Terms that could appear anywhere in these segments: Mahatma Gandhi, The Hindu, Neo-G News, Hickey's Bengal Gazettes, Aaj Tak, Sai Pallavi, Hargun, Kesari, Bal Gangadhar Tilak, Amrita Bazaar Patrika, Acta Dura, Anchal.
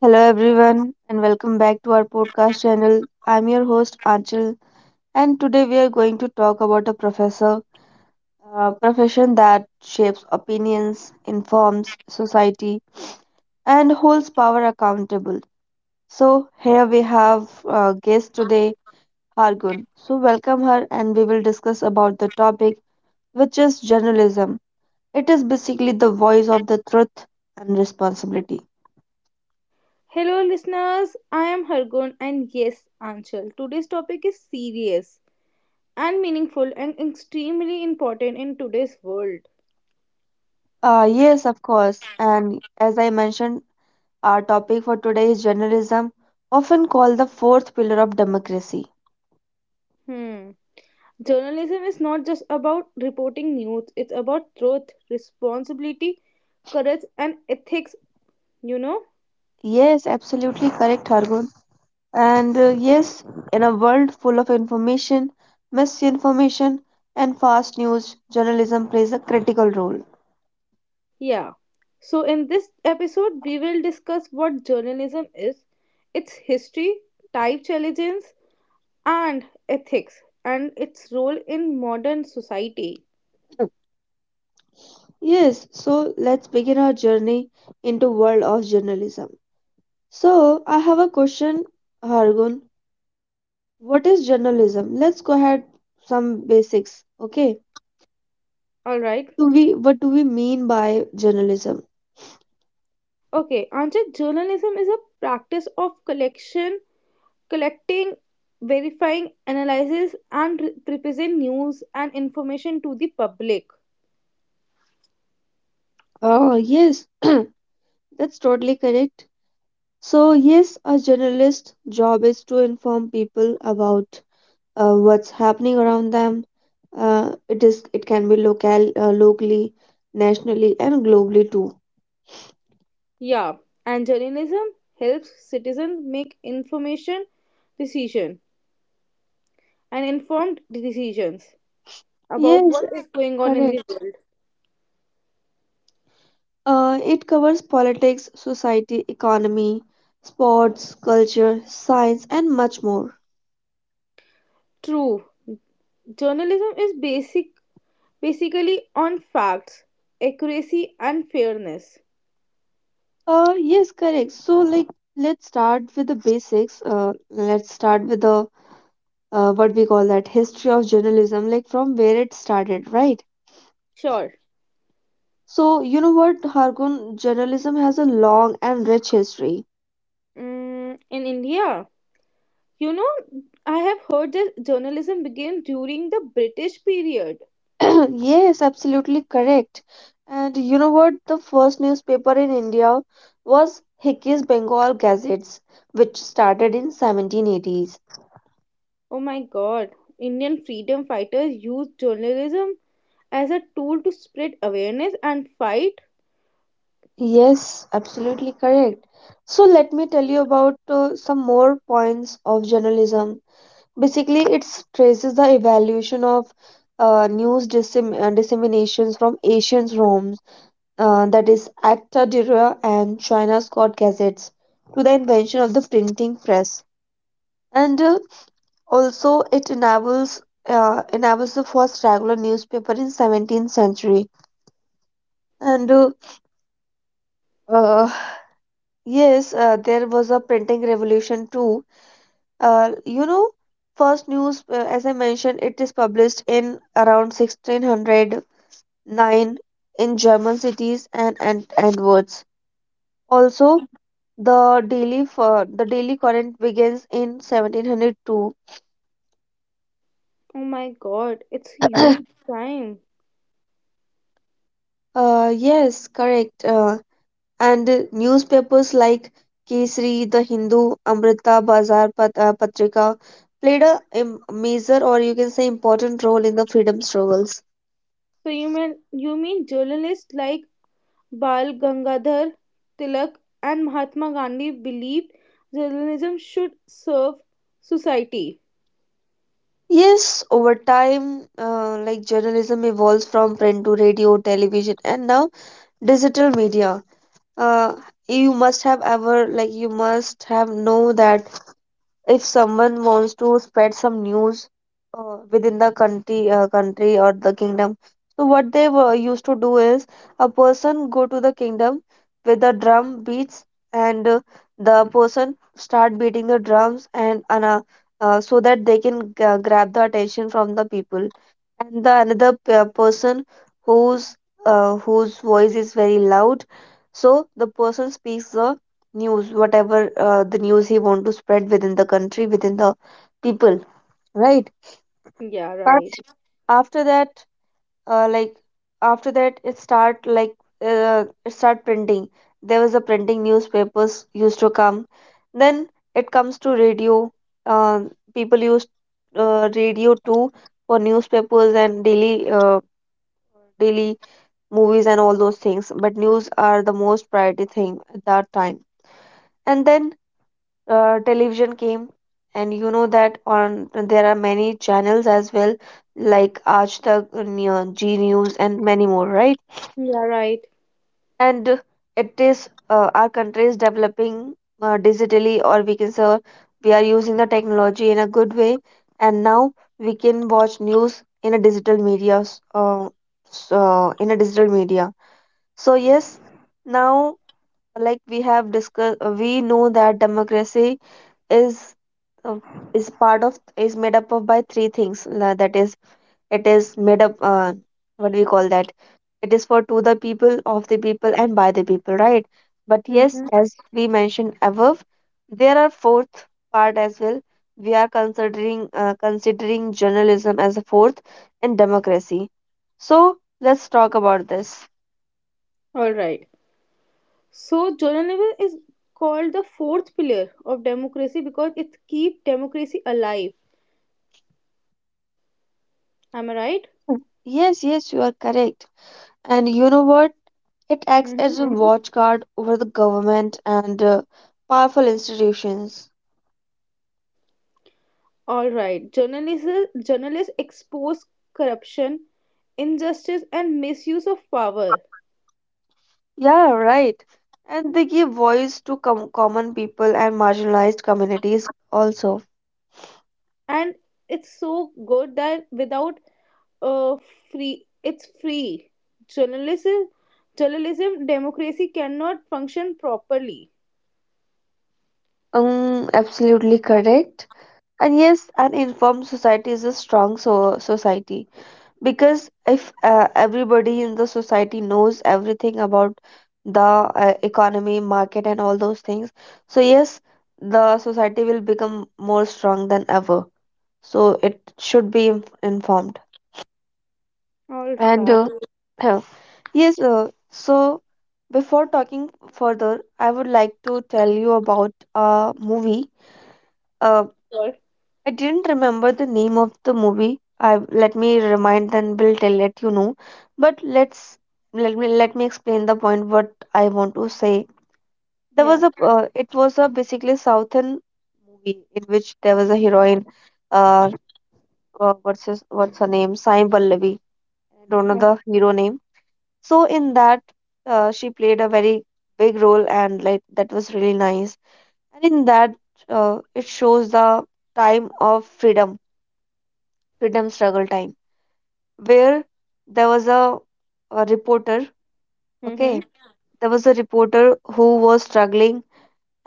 Hello, everyone, and welcome back to our podcast channel. I'm your host, Anchal, and today we are going to talk about a professor, a profession that shapes opinions, informs society, and holds power accountable. So, here we have a guest today, Hargun. So, welcome her, and we will discuss about the topic, which is journalism. It is basically the voice of the truth and responsibility. Hello, listeners. I am Hargun, and yes, Anchal. Today's topic is serious and meaningful and extremely important in today's world. Yes, of course. And as I mentioned, our topic for today is journalism, often called the fourth pillar of democracy. Hmm. Journalism is not just about reporting news, it's about truth, responsibility, courage, and ethics, you know? Yes, absolutely correct, Hargun. And yes, in a world full of information, misinformation, and fast news, journalism plays a critical role. Yeah. So, in this episode, we will discuss what journalism is, its history, type challenges, and ethics, and its role in modern society. Yes, so let's begin our journey into world of journalism. So I have a question, Hargun. Yeah. What is journalism? Let's go ahead some basics. Okay. All right. Do we what do we mean by journalism? Okay. Anchit, journalism is a practice of collecting, verifying, analysis, and represent news and information to the public. Oh, yes, that's totally correct. So, yes, a journalist's job is to inform people about what's happening around them. It is it can be local, locally, nationally, and globally too. Yeah. And journalism helps citizens make information decision and informed decisions about Yes, what is going on in the correct. world. It covers politics, society, economy, sports, culture, science, and much more. True. Journalism is basically on facts, accuracy and fairness. Yes, correct. So, like, let's start with the basics. Let's start with the what we call that history of journalism, like from where it started, right? Sure. So, you know what, Hargun, journalism has a long and rich history. Mm, in India, You know, I have heard that journalism began during the British period. Yes, absolutely correct. And you know what, the first newspaper in India was Hickey's Bengal Gazettes, which started in 1780s. Oh my god, Indian freedom fighters used journalism as a tool to spread awareness and fight. Yes, absolutely correct. So let me tell you about some more points of journalism. Basically, it traces the evolution of disseminations from ancient Rome, that is Acta Dura and China's court gazettes, to the invention of the printing press. And Also, it enables enables the first regular newspaper in 17th century. And uh, uh, yes, there was a printing revolution too. You know, first news, as I mentioned, it is published in around 1600 nine in German cities and Edwards. Also, the daily current begins in 1702. Oh my god, it's huge time. Yes, correct. And Newspapers like Kesari, The Hindu, Amrita Bazaar Patrika played a major, or you can say important, role in the freedom struggles. So you mean journalists like Bal Gangadhar Tilak and Mahatma Gandhi believed journalism should serve society. Yes, over time, like journalism evolves from print to radio, television, and now digital media. uh, you must have ever like you must have know that if someone wants to spread some news within the country or the kingdom, so what they were used to do is a person go to the kingdom with the drum beats and the person start beating the drums, and ana so that they can grab the attention from the people. And the another person whose whose voice is very loud, so the person speaks the news whatever the news he want to spread within the country, within the people, right? Yeah, But right. after that, uh, like it start like, it start printing, there was a printing newspapers used to come. Then it comes to radio. Um, people use radio too for newspapers and daily movies and all those things, but news are the most priority thing at that time. And then television came. And you know that on there are many channels as well, like Aaj Tak, Neo- G News, and many more, right? Yeah, right. And it is our country is developing digitally, or we can say we are using the technology in a good way. And now we can watch news in a digital media. So yes, now, like we have discussed, we know that democracy is, uh, is part of, is made up of by three things, that is, it is made up, what do we call that, it is for to the people, of the people, and by the people, right? But yes, Mhm. as we mentioned above, there are fourth part as well. We are considering considering journalism as a fourth and democracy. So let's talk about this. All right. So journalism is called the fourth pillar of democracy because it keeps democracy alive. Am I right? Yes, yes, you are correct. And you know what, it acts Mhm. as a watchguard over the government and powerful institutions. All right. Journalists expose corruption, injustice, and misuse of power. Yeah, right. And they give voice to common people and marginalized communities also. And it's so good that without uh free, it's free. Journalism, journalism, democracy cannot function properly. Absolutely correct. And yes, an informed society is a strong society, because if everybody in the society knows everything about the economy, market, and all those things, so yes, the society will become more strong than ever. So it should be informed. All And right. Yes, so before talking further, I would like to tell you about a movie. Uh, all- I didn't remember the name of the movie. I, let me remind and will tell let you know. But let's, let me explain the point what I want to say. There was Yeah. a it was a basically southern movie in which there was a heroine. Uh, what's her name? Sai Pallavi. I don't know Oh, the hero name. So in that, she played a very big role, and like that was really nice. And in that, it shows the time of freedom, freedom struggle time, where there was a reporter. Mm-hmm. Okay, there was a reporter who was struggling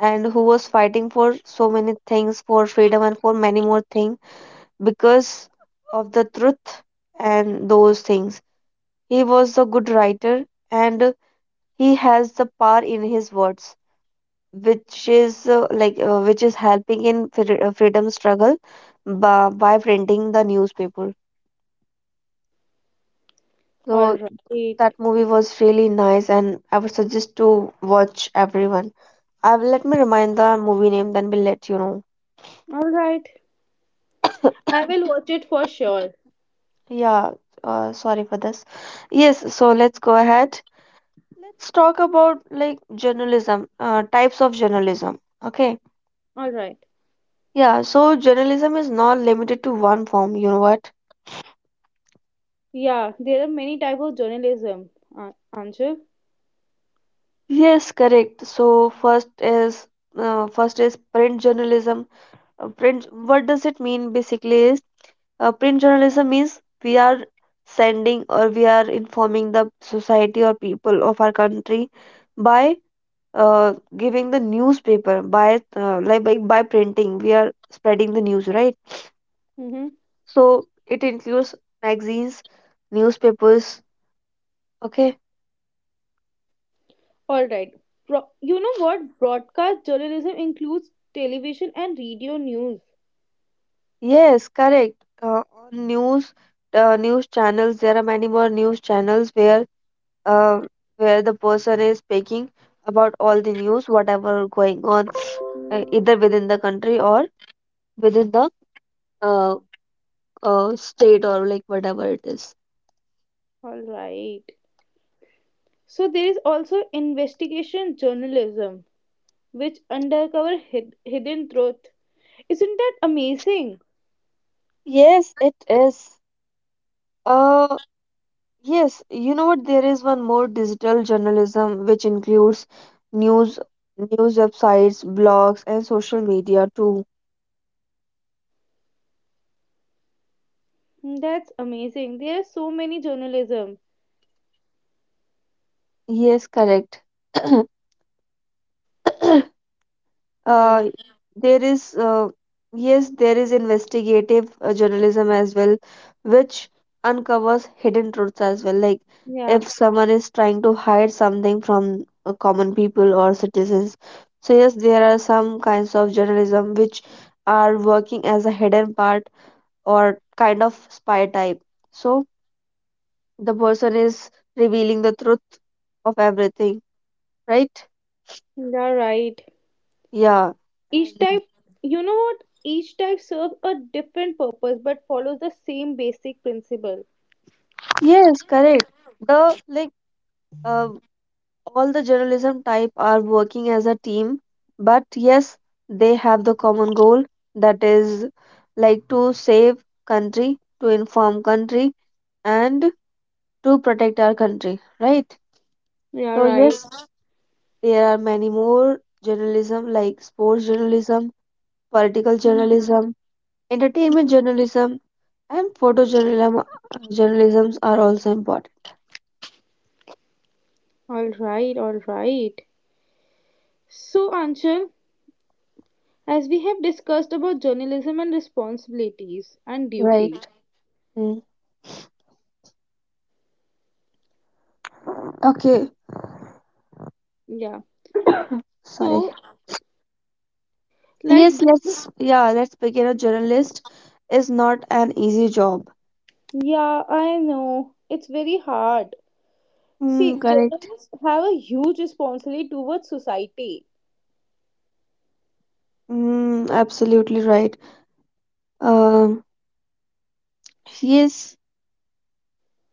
and who was fighting for so many things, for freedom and for many more things, because of the truth and those things. He was a good writer, and he has the power in his words, which is which is helping in freedom struggle by printing the newspaper. All So right. that movie was really nice, and I would suggest to watch everyone. I will, let me remind the movie name, then we'll let you know. All right. I will watch it for sure. Yeah, sorry for this. Yes, so let's go ahead. Let's talk about like journalism, types of journalism. Okay. All right. Yeah, so journalism is not limited to one form, you know what? Yeah, there are many type of journalism, Anshul. Yes, correct. So first is, print journalism. Print. What does it mean basically? Is, print journalism means we are sending, or we are informing the society or people of our country by giving the newspaper, by printing we are spreading the news, right? Mm-hmm. So it includes magazines, newspapers, okay. All right. You know what? Broadcast journalism includes television and radio news. Yes, correct. On news News channels, there are many more news channels where, uh, where the person is speaking about all the news, whatever going on, either within the country or within the uh, state or like whatever it is. All right. So there is also investigation journalism, which undercover hidden truth. Isn't that amazing? Yes, it is. Uh, yes, you know what? There is one more digital journalism which includes news news websites, blogs, and social media too. That's amazing. There are so many journalism. Yes, correct. All uh, right. there is Yes, there is investigative journalism as well, which uncovers hidden truths as well. Like Yeah, if someone is trying to hide something from common people or citizens, so yes, there are some kinds of journalism which are working as a hidden part or kind of spy type, so the person is revealing the truth of everything, right? you're right. Yeah. Each type, you know what? Each type serves a different purpose but follows the same basic principle. Yes, correct. The like, uh, all the journalism type are working as a team, but yes, they have the common goal, that is, like to save country, to inform country, and to protect our country, right? Yeah, So right. yes, there are many more journalism like sports journalism, political journalism, entertainment journalism, and photojournalism. Journalisms are also important, All right, all right. So, Anshul, as we have discussed about journalism and responsibilities and duty, right? Mm. Okay. yeah. Sorry. So, like, Yes, let's, yeah, let's begin. A journalist is not an easy job. yeah, I know it's very hard. See, Mm, correct. journalists have a huge responsibility towards society. Mm, absolutely right. Um, yes,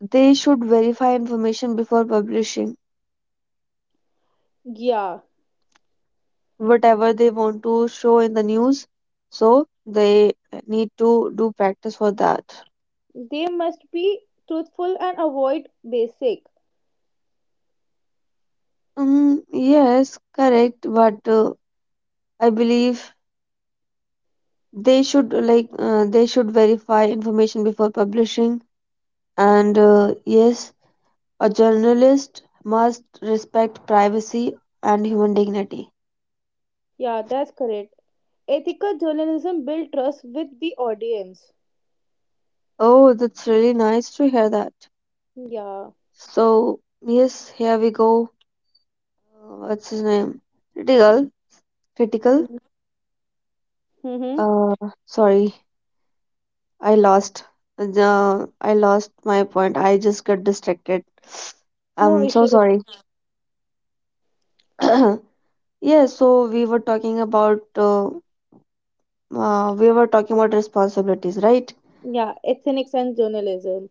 they should verify information before publishing Yeah, whatever they want to show in the news, so they need to do practice for that. they must be truthful and avoid basic. Mm, yes, correct. But I believe they should like, they should verify information before publishing. And yes, a journalist must respect privacy and human dignity. Yeah, that's correct. Ethical journalism builds trust with the audience. Oh, that's really nice to hear that. Yeah. So, yes, here we go. What's his name? Critical. Critical. Mm-hmm. Uh, Sorry, I lost. I lost my point. I just got distracted. No I'm so issues. sorry. Yeah, so we were talking about we were talking about responsibilities, right? Yeah, ethics and journalism.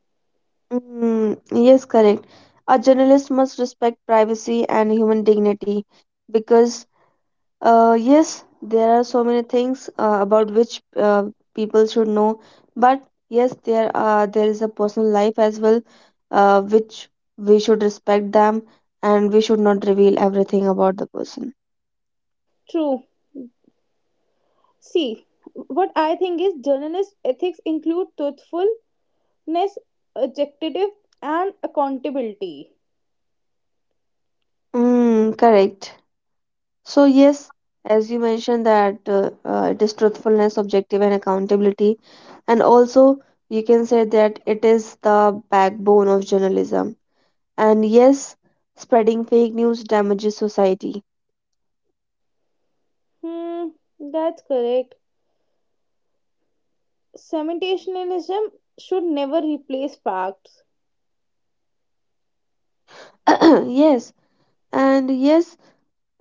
Mm, yes, correct. A journalist must respect privacy and human dignity, because, yes, there are so many things about which people should know, but yes, there is a personal life as well, which we should respect them, and we should not reveal everything about the person. True. See, what I think is journalist ethics include truthfulness, objective, and accountability. Mm, correct. So yes, as you mentioned that, it is truthfulness, objective, and accountability, and also you can say that it is the backbone of journalism. And yes, spreading fake news damages society. Hmm, that's correct. Sensationalism should never replace facts. Yes, and yes,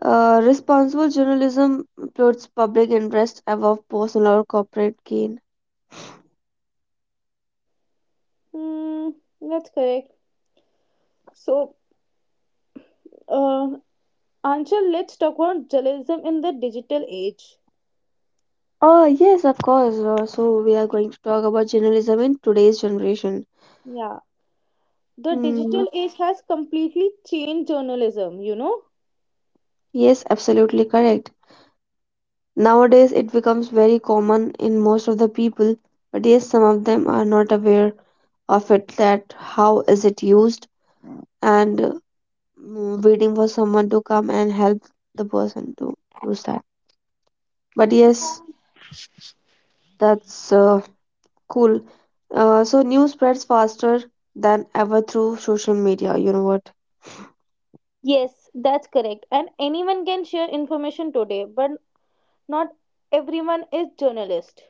responsible journalism puts public interest above personal or corporate gain. Hmm, that's correct. So, uh, Anshul, let's talk about journalism in the digital age. Oh yes, of course. So we are going to talk about journalism in today's generation. Yeah. The Mm, digital age has completely changed journalism, you know? yes, absolutely correct. Nowadays, it becomes very common in most of the people, but yes, some of them are not aware of it, that how is it used, and waiting for someone to come and help the person to use that. But yes, that's cool. So news spreads faster than ever through social media. You know what? Yes, that's correct. And anyone can share information today, but not everyone is journalist.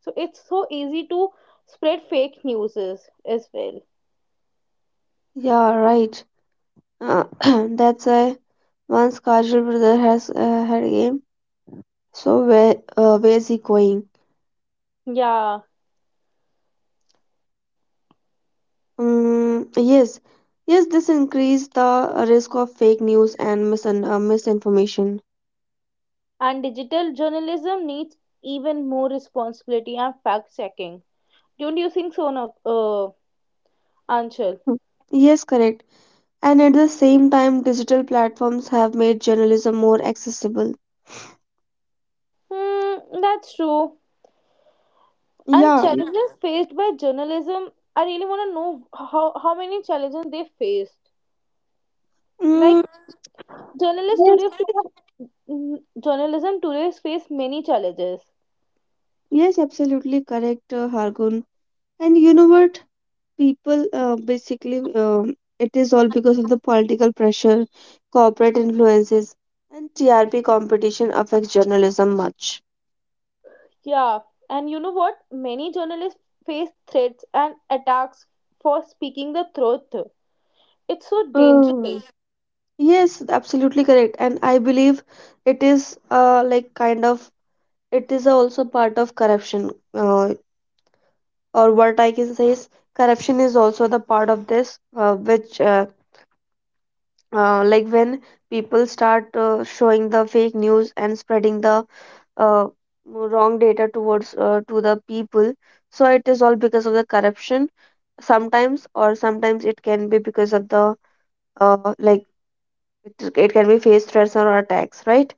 So it's so easy to spread fake news as well. Yeah, right. Uh, that's why once Kajal brother has had a game. So where, where is he going? Yeah, Mm, yes, yes, this increase the risk of fake news and misun misinformation. and digital journalism needs even more responsibility and fact checking. Don't you think so, Anshul? Hmm. Yes, correct. And at the same time, digital platforms have made journalism more accessible. Hmm, that's true. And Yeah. challenges faced by journalism, I really want to know how many challenges they faced, like Mm, journalists today yes. face, mm, journalism today face many challenges. Yes, absolutely correct, Hargun. And you know what? People, basically, um, it is all because of the political pressure, corporate influences, and TRP competition affects journalism much. Yeah, and you know what, many journalists face threats and attacks for speaking the truth. It's so Mm. dangerous. Yes, absolutely correct. And I believe it is like kind of, it is also part of corruption. Or what I can say is corruption is also the part of this, which like when people start showing the fake news and spreading the uh, wrong data towards to the people. So it is all because of the corruption sometimes, or sometimes it can be because of the, uh, like it, it can be face threats or attacks, right?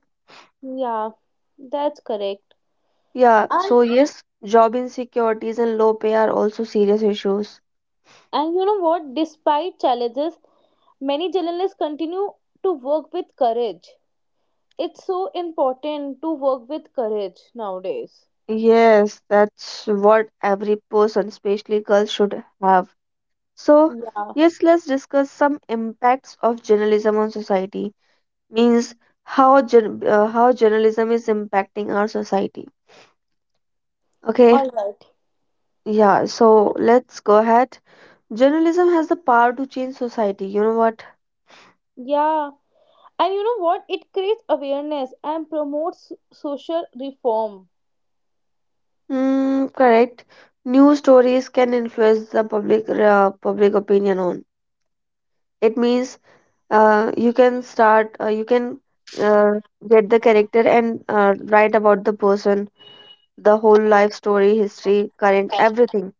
Yeah, that's correct. Yeah, and so yes, job insecurities and low pay are also serious issues. and you know what, despite challenges many journalists continue to work with courage. It's so important to work with courage nowadays. Yes, that's what every person, especially girls, should have. So, Yeah, yes, let's discuss some impacts of journalism on society. Means how, how journalism is impacting our society. Okay, all right. yeah, so let's go ahead. Journalism has the power to change society. You know what? Yeah, and you know what? It creates awareness and promotes social reform. Mm, correct. News stories can influence the public opinion on. It means you can uh, get the character and write about the person, the whole life story, history, current, everything.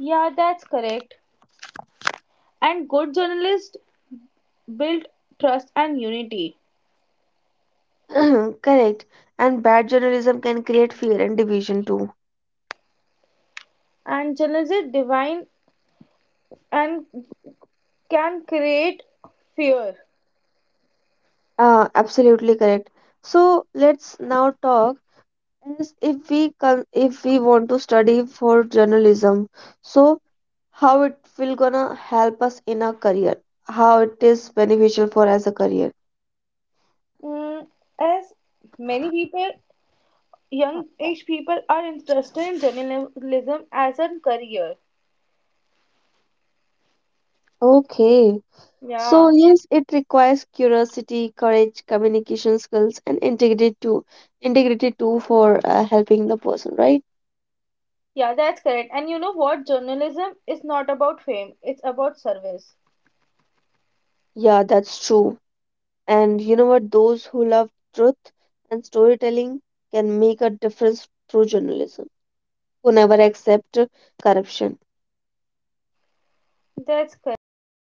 Yeah, that's correct. And good journalists build trust and unity. Correct. And bad journalism can create fear and division too. And journalists divine and can create fear. Absolutely correct. So let's now talk, as if we can, if we want to study for journalism. So how it will gonna help us in our career? How it is beneficial for as a career? Mm, as many people, young age people, are interested in journalism as a career. Okay. So, Yeah. yes, it requires curiosity, courage, communication skills, and integrity too. Integrity too for helping the person, right? Yeah, that's correct. And you know what? Journalism is not about fame, it's about service. Yeah, that's true. And you know what? Those who love truth and storytelling can make a difference through journalism. Who never accept corruption That's correct.